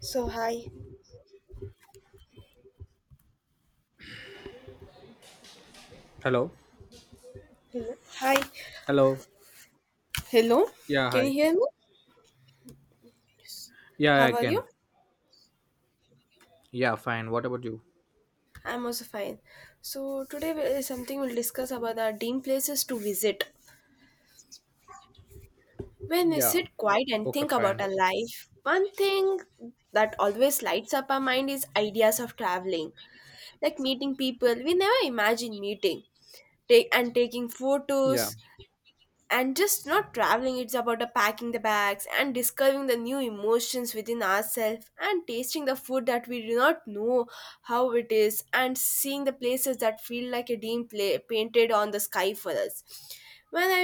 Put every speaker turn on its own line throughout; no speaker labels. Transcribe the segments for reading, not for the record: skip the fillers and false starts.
So hi,
Hello.
hello, hi.
Hello.
Hello,
Yeah,
can you
hi.
hear me?
Yeah,
How
I
are
can.
you?
Yeah, fine. What about you?
I'm also fine. So today is something we'll discuss about our dream places to visit. When we
Yeah.
sit quiet and
Okay,
think about
fine.
our life, one thing that always lights up our mind is ideas of traveling, like meeting people we never imagined meeting, take and taking
Yeah.
photos and just not traveling, it's about packing the bags and discovering the new emotions within ourselves and tasting the food that we do not know how it is, and seeing the places that feel like a painted on the sky for us when I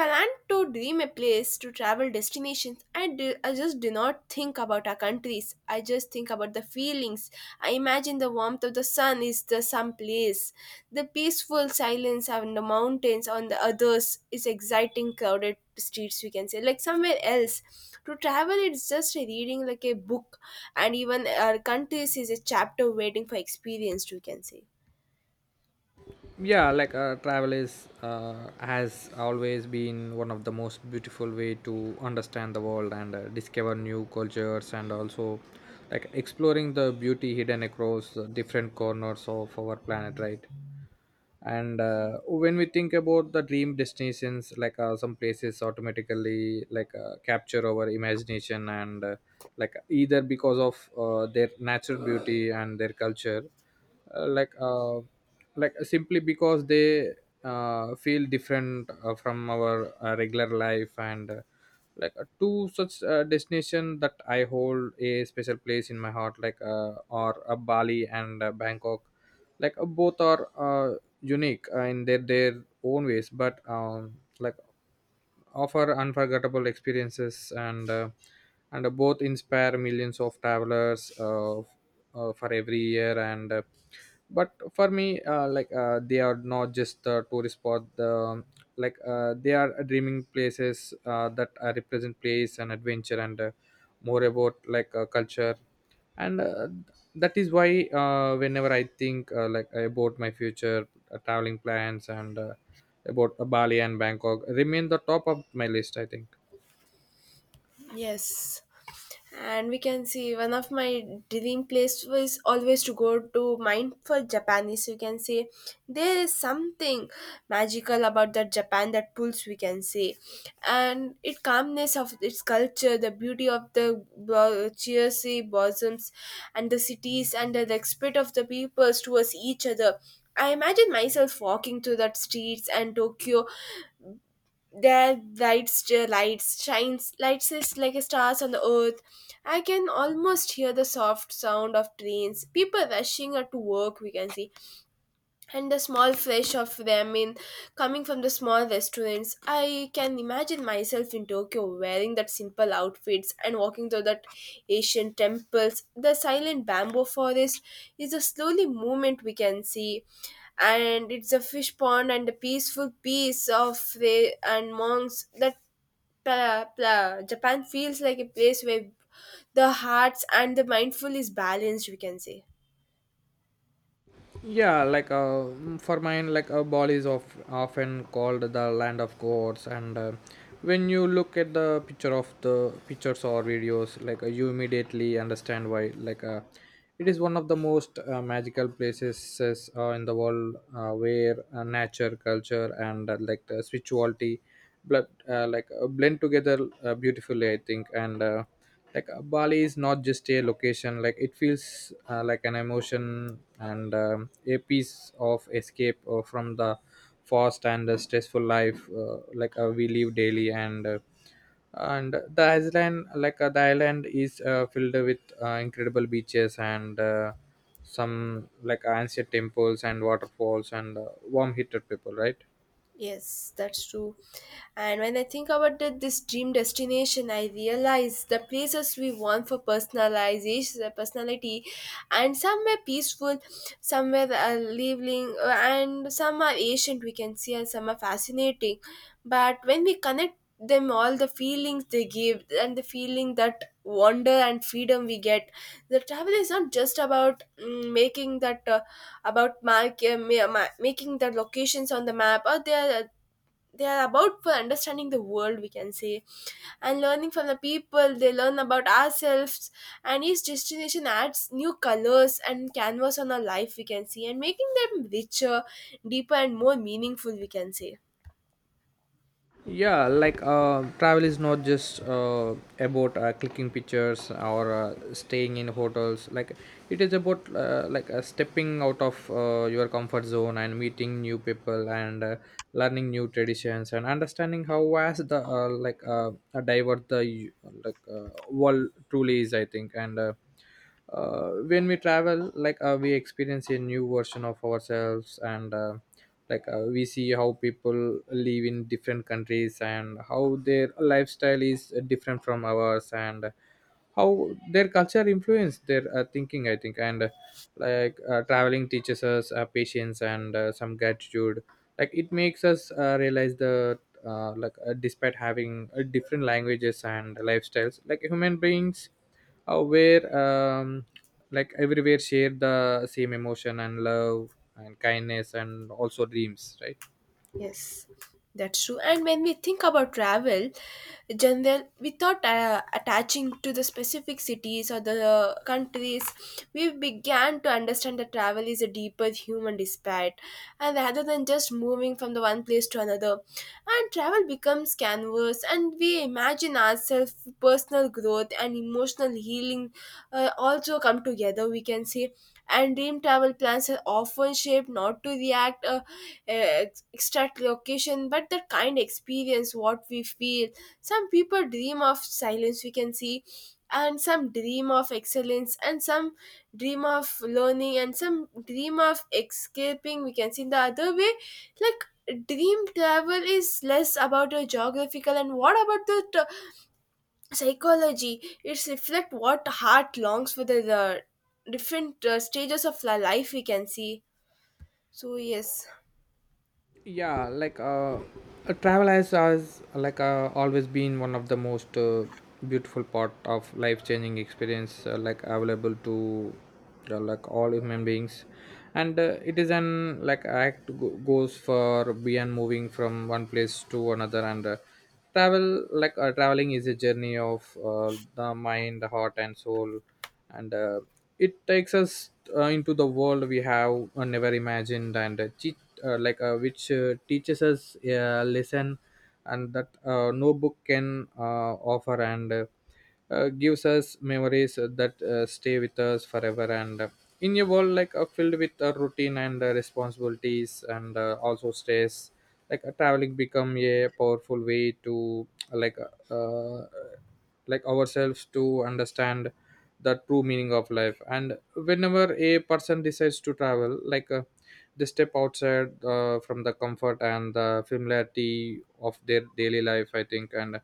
plan to dream a place to travel destinations. I just do not think about our countries, I just think about the feelings. I imagine the warmth of the sun is the some place, the peaceful silence on the mountains on the others is exciting crowded streets, we can say, like somewhere else. To travel it's just reading like a book, and even our countries is a chapter waiting for experienced, we can say.
Yeah, travel is has always been one of the most beautiful way to understand the world and discover new cultures and also like exploring the beauty hidden across the different corners of our planet, right? And when we think about the dream destinations some places automatically capture our imagination and like either because of their natural beauty and their culture uh, like uh, like simply because they feel different from our regular life and two such destination that I hold a special place in my heart like or Bali and Bangkok. Both are unique in their own ways but like offer unforgettable experiences and both inspire millions of travelers for every year, and but for me they are not just the tourist spot. They are dreaming places that represent place and adventure and more about culture. And That is why whenever I think about my future traveling plans and about Bali and Bangkok remain the top of my list, I think.
Yes. And we can see one of my dream place was always to go to mindful Japanese. We can say there is something magical about that Japan that pulls. We can say, and it calmness of its culture, the beauty of the cheersy bosoms, and the cities, and the respect of the peoples towards each other. I imagine myself walking through that streets and Tokyo, their lights j- lights shines lights is like stars on the earth. I can almost hear the soft sound of trains, people rushing to work, we can see, and the small flesh of them in coming from the small restaurants. I can imagine myself in Tokyo wearing that simple outfits and walking through that Asian temples, the silent bamboo forest is a slowly movement, we can see, and it's a fish pond and the peaceful peace of the and monks that Japan feels like a place where the hearts and the mindful is balanced, we can say.
Yeah, for mine, like a ball is of, often called the land of gods, and when you look at the picture of the pictures or videos, you immediately understand why. It is one of the most magical places in the world where nature, culture, and like the spirituality, blood, blend together beautifully, I think, and. Like Bali is not just a location, like it feels like an emotion and a piece of escape from the fast and stressful life, we live daily, and the island, the island is filled with incredible beaches and some like ancient temples and waterfalls and warm heated people, right?
Yes, that's true. And when I think about this dream destination, I realize the places we want for personalization, the personality, and some are peaceful, somewhere are living, and some are ancient, we can see, and some are fascinating. But when we connect them all, the feelings they give, and the feeling that wonder and freedom we get, the travel is not just about making that about making the locations on the map, or they are about for understanding the world, we can say, and learning from the people they learn about ourselves. And each destination adds new colors and canvas on our life, we can see, and making them richer, deeper and more meaningful, we can say.
Yeah, travel is not just about clicking pictures or staying in hotels. Like it is about stepping out of your comfort zone and meeting new people and learning new traditions and understanding how vast the diverse the world truly is, I think, and when we travel, we experience a new version of ourselves, and we see how people live in different countries and how their lifestyle is different from ours, and how their culture influence their thinking, I think. And like Traveling teaches us patience and some gratitude. Like it makes us realize that despite having different languages and lifestyles, like human beings where like everywhere share the same emotion and love and kindness and also dreams, right?
Yes, that's true. And when we think about travel, general without attaching to the specific cities or the countries, we began to understand that travel is a deeper human dispute, and rather than just moving from the one place to another, and travel becomes canvas, and we imagine ourselves personal growth and emotional healing also come together. We can say. And dream travel plans are often shaped not to react exact location, but the kind experience what we feel. Some people dream of silence, we can see, and some dream of excellence, and some dream of learning, and some dream of escaping, we can see, in the other way. Like dream travel is less about a geographical and what about the psychology, it's reflect what heart longs for the different stages of life, we can see, so yes.
Yeah, travel has always been one of the most beautiful part of life changing experience available to all human beings, and it is an like act goes for beyond moving from one place to another, and travel traveling is a journey of the mind, the heart and soul, and it takes us into the world we have never imagined, and which teaches us a lesson and that no book can offer, and gives us memories that stay with us forever. And In a world filled with routine and responsibilities and also stress, traveling become a powerful way to ourselves to understand the true meaning of life. And whenever a person decides to travel, they step outside from the comfort and the familiarity of their daily life, I think, and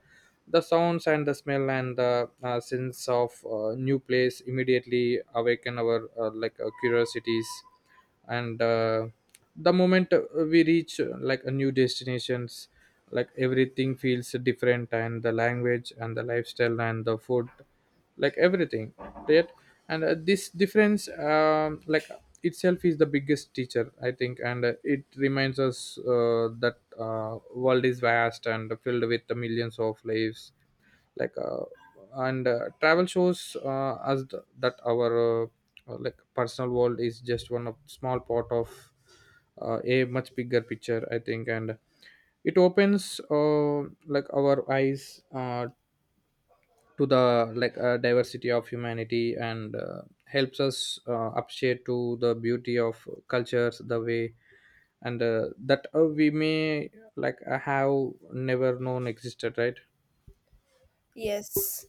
the sounds and the smell and the sense of new place immediately awaken our curiosities, and the moment we reach like a new destinations, like everything feels different, and the language and the lifestyle and the food, like everything, right? And this difference like itself is the biggest teacher, I think, and it reminds us that world is vast and filled with the millions of lives. Like and Travel shows us that our uh, personal world is just one of small part of a much bigger picture, I think, and it opens our eyes to the diversity of humanity, and helps us appreciate to the beauty of cultures the way and that we may have never known existed, right?
Yes.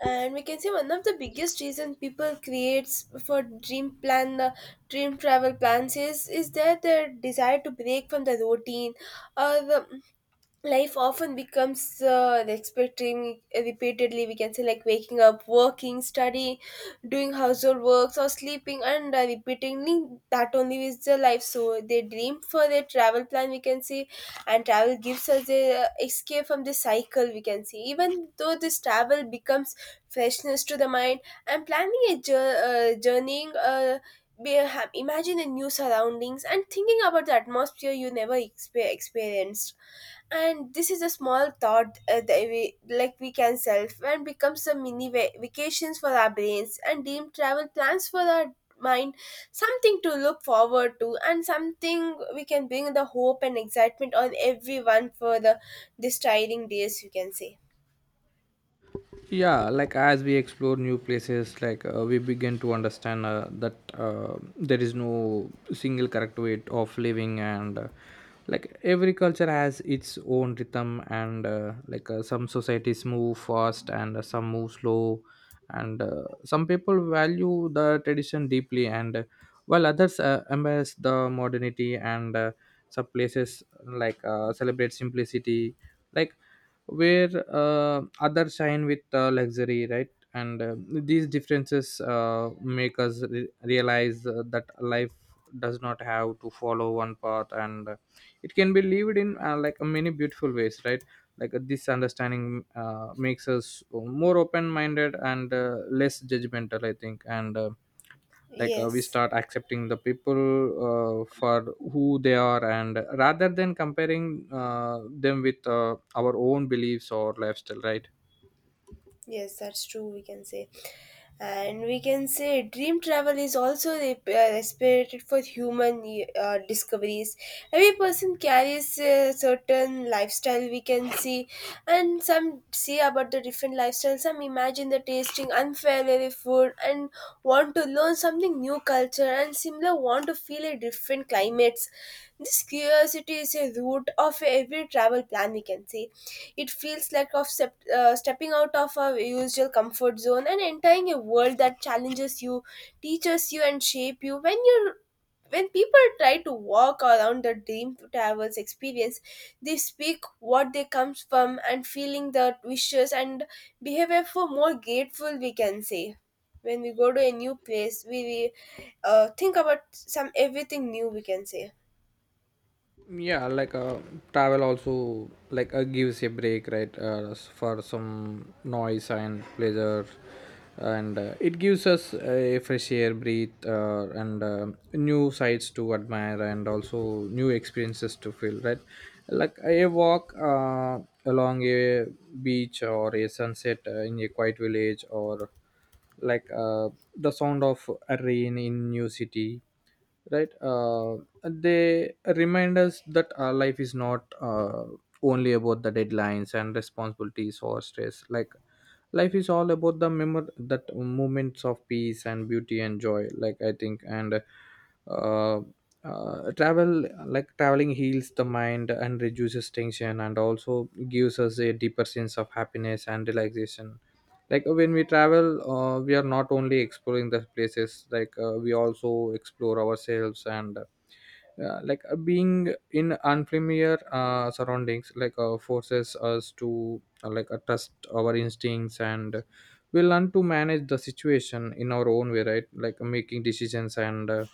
And we can say one of the biggest reason people creates for dream plan, dream travel plans is that their desire to break from the routine, or life often becomes the expecting repeatedly, we can say, like waking up, working, studying, doing household works or sleeping, and repeatedly that only is the life, so they dream for their travel plan, we can see. And travel gives us a escape from the cycle, we can see, even though this travel becomes freshness to the mind. And planning a journeying imagine the new surroundings and thinking about the atmosphere you never experienced. And this is a small thought that we like we can self and becomes a mini vacations for our brains, and deemed travel plans for our mind, something to look forward to, and something we can bring the hope and excitement on everyone for the these tiring days, you can say.
Yeah, like as we explore new places, we begin to understand that there is no single correct way of living, and like every culture has its own rhythm, and some societies move fast and some move slow, and some people value the tradition deeply, and while others embrace the modernity, and some places celebrate simplicity, like where others shine with luxury, right? And these differences make us realize that life does not have to follow one path, and it can be lived in like many beautiful ways, right? This understanding makes us more open minded and less judgmental, I think, and we
Yes.
start accepting the people for who they are, and rather than comparing them with our own beliefs or lifestyle, right?
Yes, that's true, we can say. And we can say dream travel is also respected for human discoveries. Every person carries a certain lifestyle, we can see, and some see about the different lifestyles. Some imagine the tasting unfamiliar food and want to learn something new culture, and similar want to feel a different climates. This curiosity is a root of every travel plan, we can say. It feels like of stepping out of our usual comfort zone and entering a world that challenges you, teaches you, and shape you. When people try to walk around the dream travels experience, they speak what they comes from and feeling the wishes and behavior for more grateful, we can say. When we go to a new place, we think about some everything new, we can say.
Yeah, travel also gives a break, right? For some noise and pleasure, and it gives us a fresh air breathe, and new sights to admire and also new experiences to feel, right? Like a walk along a beach, or a sunset in a quiet village, or like uh, the sound of a rain in new city, right? They remind us that our life is not only about the deadlines and responsibilities or stress. Like life is all about the that moments of peace and beauty and joy, like I think, and uh, traveling heals the mind and reduces tension and also gives us a deeper sense of happiness and relaxation. When we travel, we are not only exploring the places, we also explore ourselves, and yeah, being in unfamiliar surroundings forces us to trust our instincts, and we learn to manage the situation in our own way, right? Like making decisions and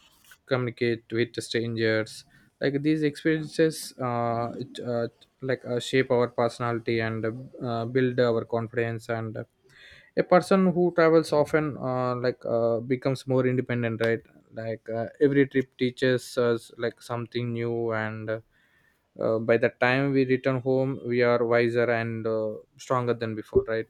communicate with strangers. Like these experiences it, like shape our personality and build our confidence, and a person who travels often becomes more independent, right? Every trip teaches us like something new, and by the time we return home we are wiser and stronger than before, right?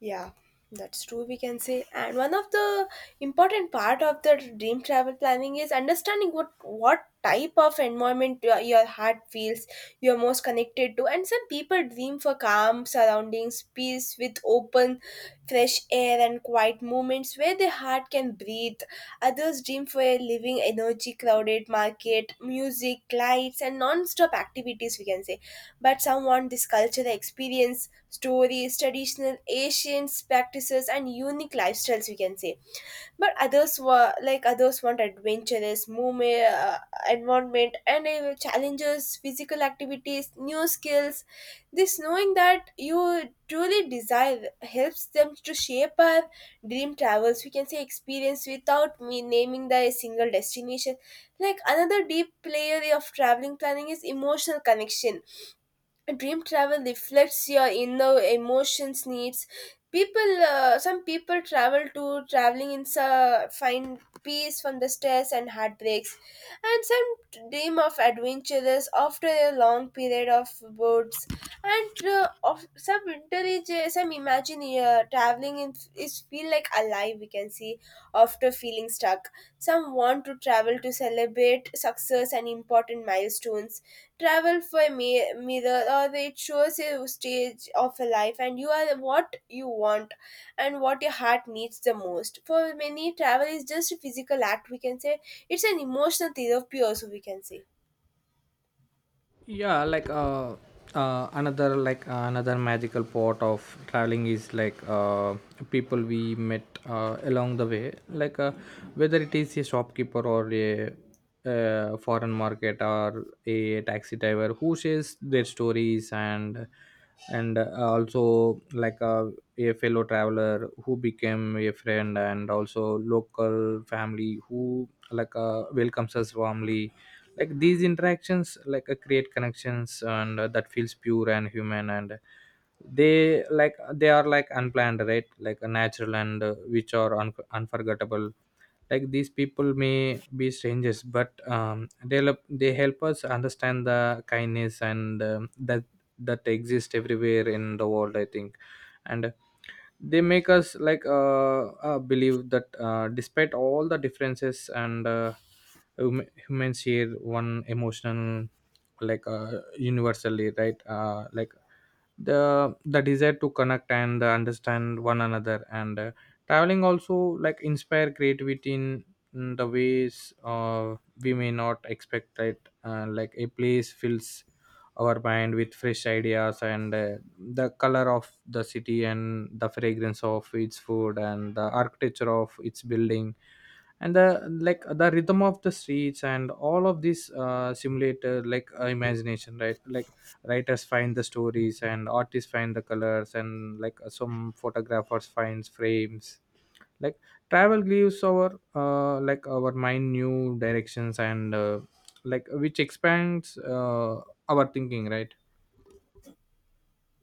Yeah, that's true, we can say. And one of the important part of the dream travel planning is understanding what type of environment your heart feels you're most connected to. And some people dream for calm surroundings, peace with open, fresh air and quiet moments where the heart can breathe. Others dream for a living, energy crowded market, music, lights, and non stop activities, we can say. But some want this cultural experience, stories, traditional Asians, practices, and unique lifestyles, we can say, but others were like others want adventurous movement environment and challenges, physical activities, new skills. This knowing that you truly desire helps them to shape our dream travels, we can say, experience without me naming the single destination. Like another deep layer of traveling planning is emotional connection. Dream travel reflects your inner emotions needs. People Some people travel to traveling in find peace from the stress and heartbreaks, and some dream of adventures after a long period of boards, and of some intelligence, some imagine traveling in, is feel like alive, we can see, after feeling stuck. Some want to travel to celebrate success and important milestones. Travel for me mirror, or it shows a stage of a life and you are what you want and what your heart needs the most. For many, travel is just a physical act, we can say, it's an emotional therapy also, we can say.
Yeah, another another magical part of traveling is people we met along the way, whether it is a shopkeeper or a foreign market or a taxi driver who shares their stories, and also a fellow traveler who became a friend, and also local family who welcomes us warmly. Like these interactions create connections and that feels pure and human, and they like they are like unplanned, right? Natural and which are unforgettable. Like these people may be strangers, but they help, they help us understand the kindness, and that that exist everywhere in the world, I think, and they make us believe that despite all the differences, and humans share one emotional, universally, right? Like the desire to connect and understand one another, and traveling also inspire creativity in the ways we may not expect, right? Like a place fills our mind with fresh ideas, and the color of the city and the fragrance of its food and the architecture of its building and the like the rhythm of the streets, and all of this simulator imagination, right? Like writers find the stories and artists find the colors, and some photographers finds frames. Like travel gives our our mind new directions, and like which expands our thinking, right?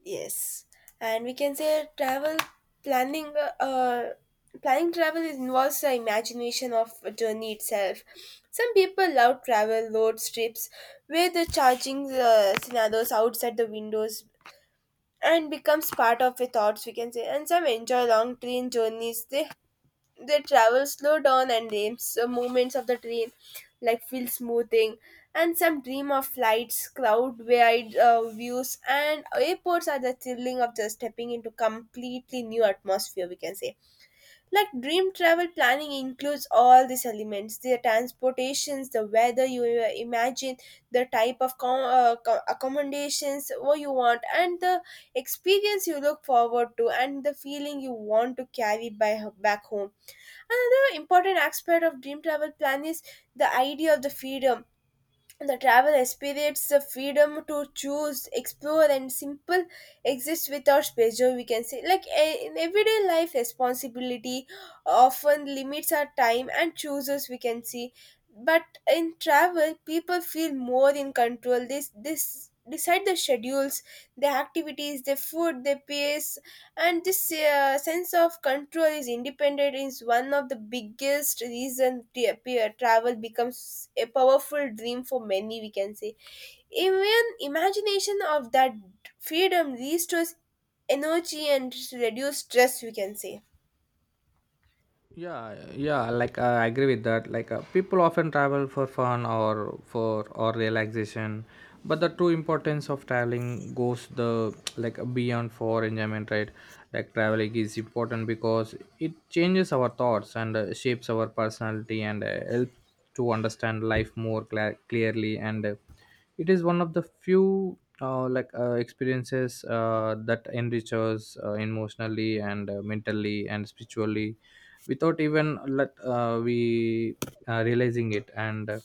Yes. And we can say travel planning planning travel involves the imagination of a journey itself. Some people love travel road trips where the charging scenarios outside the windows and becomes part of the thoughts, we can say. And some enjoy long train journeys, they travel slow down, and the movements of the train like feel smoothing. And some dream of flights, cloud wide views, and airports are the thrilling of just stepping into completely new atmosphere, we can say. Like dream travel planning includes all these elements, the transportations, the weather you imagine, the type of accommodations what you want, and the experience you look forward to, and the feeling you want to carry by, back home. Another important aspect of dream travel plan is the idea of the freedom, the travel experience, the freedom to choose, explore, and simple exist without pressure. We can say, like in everyday life, responsibility often limits our time and chooses. We can see, but in travel people feel more in control, this decide the schedules, the activities, the food, the pace. And this sense of control is independent is one of the biggest reason to appear travel becomes a powerful dream for many, we can say. Even imagination of that freedom restores energy and reduce stress, we can say.
Yeah, yeah, I agree with that. People often travel for fun or for or relaxation, but the true importance of traveling goes the like beyond for enjoyment, right? Like, traveling is important because it changes our thoughts and shapes our personality and helps to understand life more cla clearly, and it is one of the few experiences that enriches emotionally and mentally and spiritually without even let we realizing it. And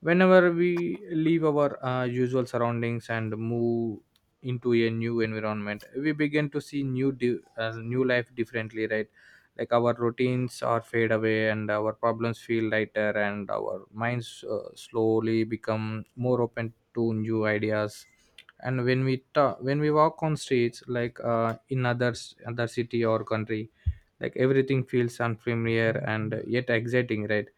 whenever we leave our usual surroundings and move into a new environment, we begin to see new life differently, right? Like, our routines are fade away, and our problems feel lighter, and our minds slowly become more open to new ideas. And when we walk on streets, in other city or country, like everything feels unfamiliar and yet exciting, right?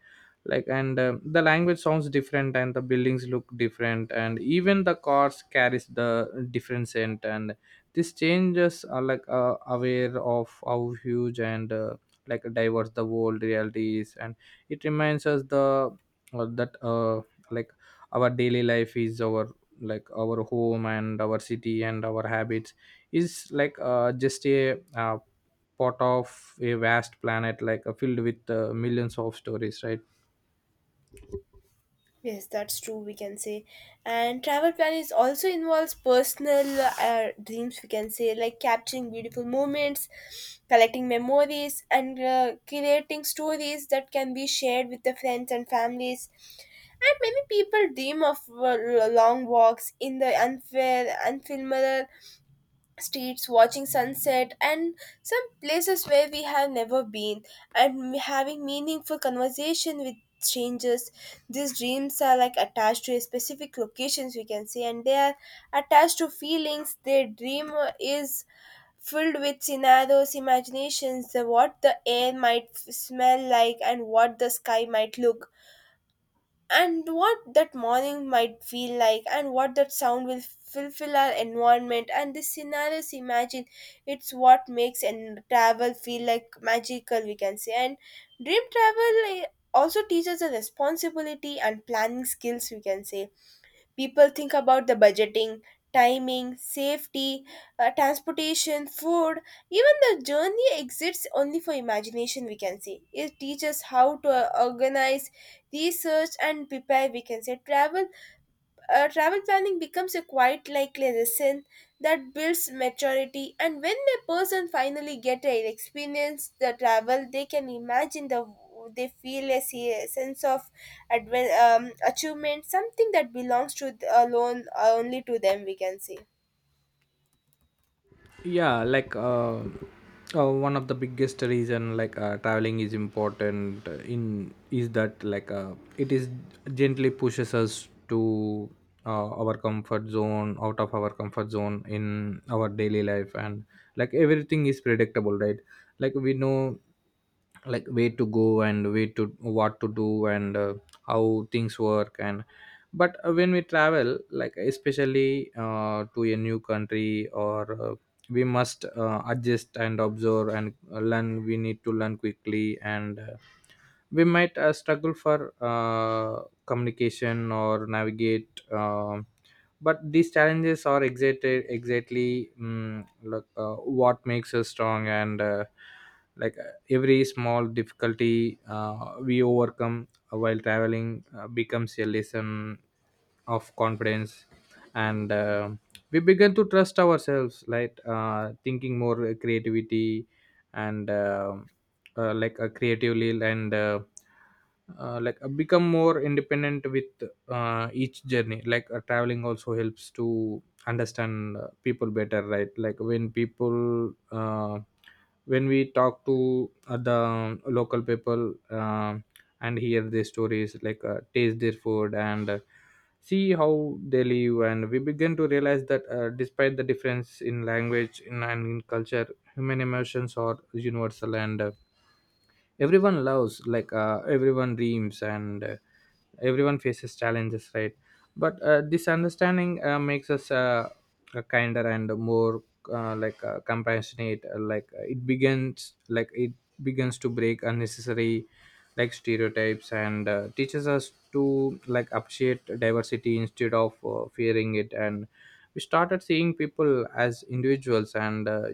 Like, and the language sounds different, and the buildings look different, and even the cars carries the different scent. And these changes are aware of how huge and like diverse the world reality is. And it reminds us the that like our daily life is our, like, our home and our city and our habits is just a part of a vast planet, filled with millions of stories, right?
Yes, that's true, we can say. And travel planning is also involves personal dreams, we can say, like capturing beautiful moments, collecting memories, and creating stories that can be shared with the friends and families. And many people dream of long walks in the unfair, unfilmable streets, watching sunset, and some places where we have never been, and having meaningful conversation with strangers. These dreams are like attached to a specific locations, we can say, and they are attached to feelings. Their dream is filled with scenarios, imaginations, the what the air might smell like, and what the sky might look, and what that morning might feel like, and what that sound will fulfill our environment. And the scenarios imagine, it's what makes and travel feel like magical, we can say. And dream travel also teaches a responsibility and planning skills, we can say. People think about the budgeting, timing, safety, transportation, food, even the journey exists only for imagination, we can say. It teaches how to organize, research, and prepare, we can say. Travel travel planning becomes a quite like lesson that builds maturity, and when a person finally get an experience the travel, they can imagine the, they feel a sense of achievement, something that belongs to alone only to them, we can say.
Yeah, one of the biggest reason, traveling is important in is that, it is gently pushes us to our comfort zone out of our comfort zone in our daily life. And like everything is predictable, right? Like, we know, like, way to go and way to what to do and how things work. And but when we travel, like especially to a new country or we must adjust and observe and learn we need to learn quickly. And we might struggle for communication or navigate, but these challenges are exactly what makes us strong. And like uh, every small difficulty we overcome while traveling becomes a lesson of confidence. And We begin to trust ourselves, thinking more creativity and like creatively, and become more independent with each journey. Traveling also helps to understand people better, right? Like, when we talk to other local people, and hear their stories, taste their food and see how they live, and we begin to realize that despite the difference in language and in culture, human emotions are universal. And everyone loves, everyone dreams, and everyone faces challenges, right? but This understanding makes us a kinder and more compassionate. It begins to break unnecessary, like, stereotypes and teaches us to like appreciate diversity instead of fearing it. And we started seeing people as individuals and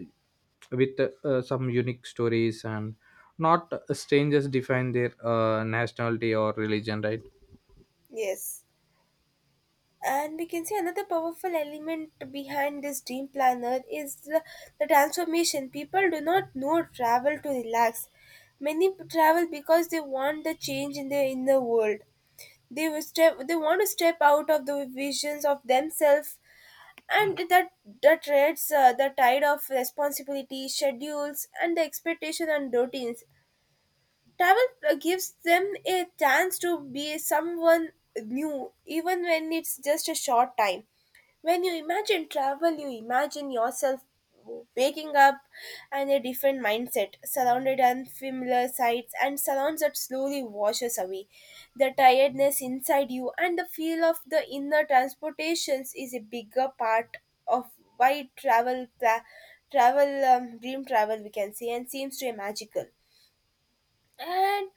with some unique stories, and not strangers define their nationality or religion, right?
Yes. And we can see another powerful element behind this dream planner is the transformation. People do not know travel to relax. Many travel because they want the change in their inner world. They will step, they want to step out of the visions of themselves, and that that creates the tide of responsibility, schedules, and the expectation and routines. Travel gives them a chance to be someone new, even when it's just a short time. When you imagine travel, you imagine yourself waking up and a different mindset, surrounded unfamiliar sights, and surrounds that slowly washes away. The tiredness inside you and the feel of the inner transportations is a bigger part of why travel, tra- travel dream travel, we can say, and seems to be magical. And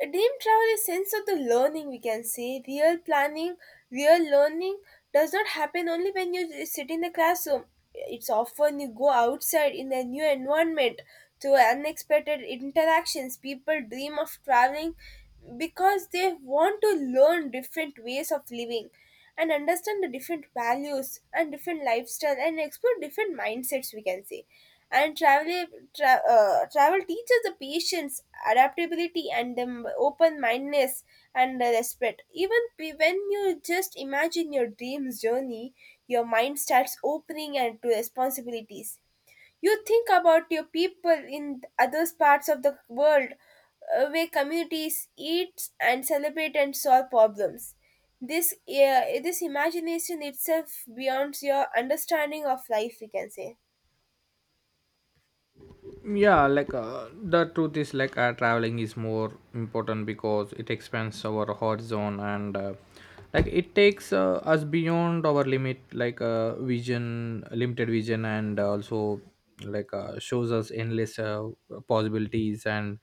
a dream travel is sense of the learning, we can say. Real planning, real learning does not happen only when you sit in the classroom. It's often you go outside in a new environment to unexpected interactions. People dream of traveling because they want to learn different ways of living, and understand the different values and different lifestyle, and explore different mindsets, we can say. And travel teaches the patience, adaptability, and the open mindedness, and the respect, even when you just imagine your dreams journey, your mind starts opening and to responsibilities. You think about your people in other parts of the world, where communities eat and celebrate and solve problems. This, this imagination itself beyond your understanding of life, we can say.
Yeah, the truth is, traveling is more important because it expands our horizon, and like it takes us beyond our limit, like vision limited vision. And also like shows us endless possibilities. And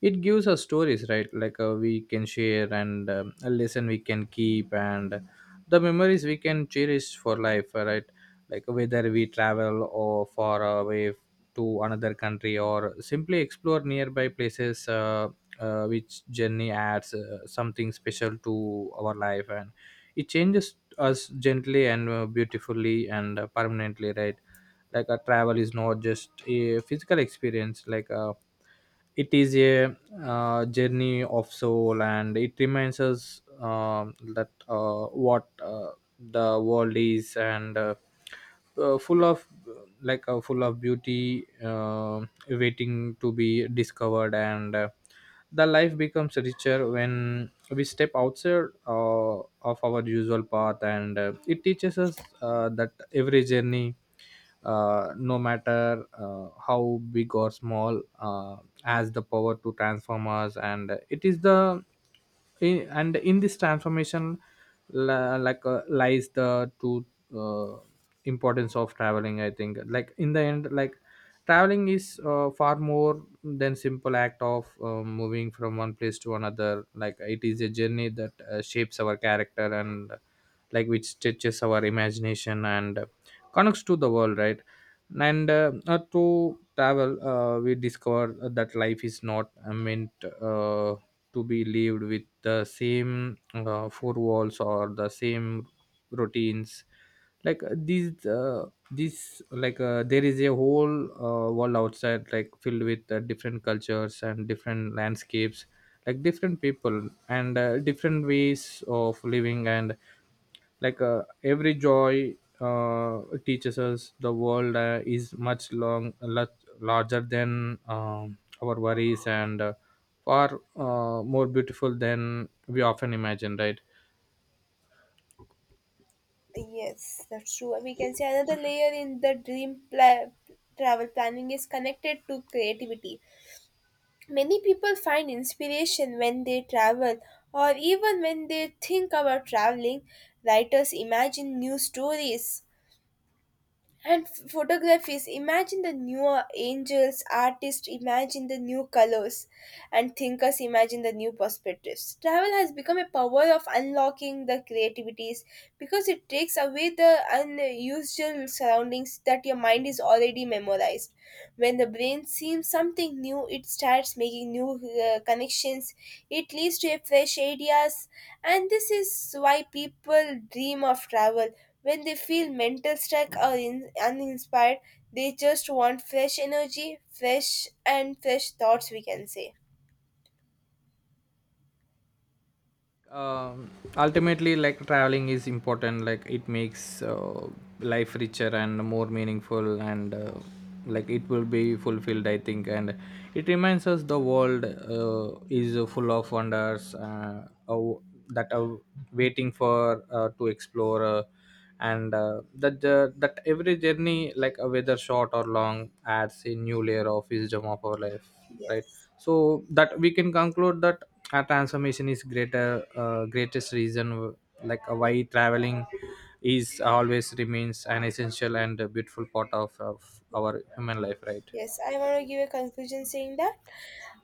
it gives us stories, right? We can share, and a lesson we can keep, and the memories we can cherish for life, right? Like, whether we travel or far away to another country or simply explore nearby places, which journey adds something special to our life. And it changes us gently and beautifully and permanently, right? Like, a travel is not just a physical experience, like a, it is a journey of soul. And it reminds us, that what the world is and full of, full of beauty waiting to be discovered. And the life becomes richer when we step outside of our usual path. And it teaches us that every journey, no matter how big or small, has the power to transform us. And it is the in this transformation la, like lies the true uh, importance of traveling, I think. Like, in the end, like, traveling is far more than simple act of moving from one place to another. Like, it is a journey that shapes our character and, like, which stretches our imagination and connects to the world, right? and To travel, we discover that life is not meant to be lived with the same four walls or the same routines. Like these like There is a whole world outside, like filled with different cultures and different landscapes, like different people and different ways of living. And every joy teaches us the world is much long lot larger than our worries, and far more beautiful than we often imagine, right?
Yes, that's true. We can say another layer in the travel planning is connected to creativity. Many people find inspiration when they travel or even when they think about traveling. Writers imagine new stories, and photographies, imagine the new angels, artists imagine the new colors, and thinkers imagine the new perspectives. Travel has become a power of unlocking the creativities because it takes away the unusual surroundings that your mind is already memorized. When the brain sees something new, it starts making new connections, it leads to a fresh ideas, and this is why people dream of travel when they feel mental stuck or in, uninspired, they just want fresh energy, fresh and fresh thoughts, we can say.
um, Ultimately, like traveling is important, like it makes life richer and more meaningful and like it will be fulfilled, I think. And it reminds us the world is full of wonders, that are waiting for to explore, and that that every journey, whether short or long, adds a new layer of wisdom of our life, right?
Yes.
So that we can conclude that our transformation is greater greatest reason, why traveling is always remains an essential and a beautiful part of our human life, right?
Yes, I want to give a conclusion saying that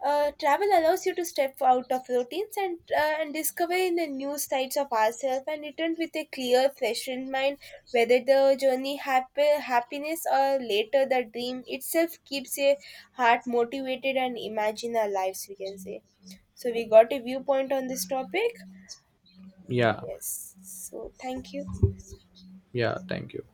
travel allows you to step out of routines, and discover in the new sides of ourselves, and return with a clear, fresh mind. Whether the journey happy, happiness, or later the dream itself keeps a heart motivated and imagine our lives. We can say. So we got a viewpoint on this topic.
Yeah,
Yes. So thank you.
yeah, thank you.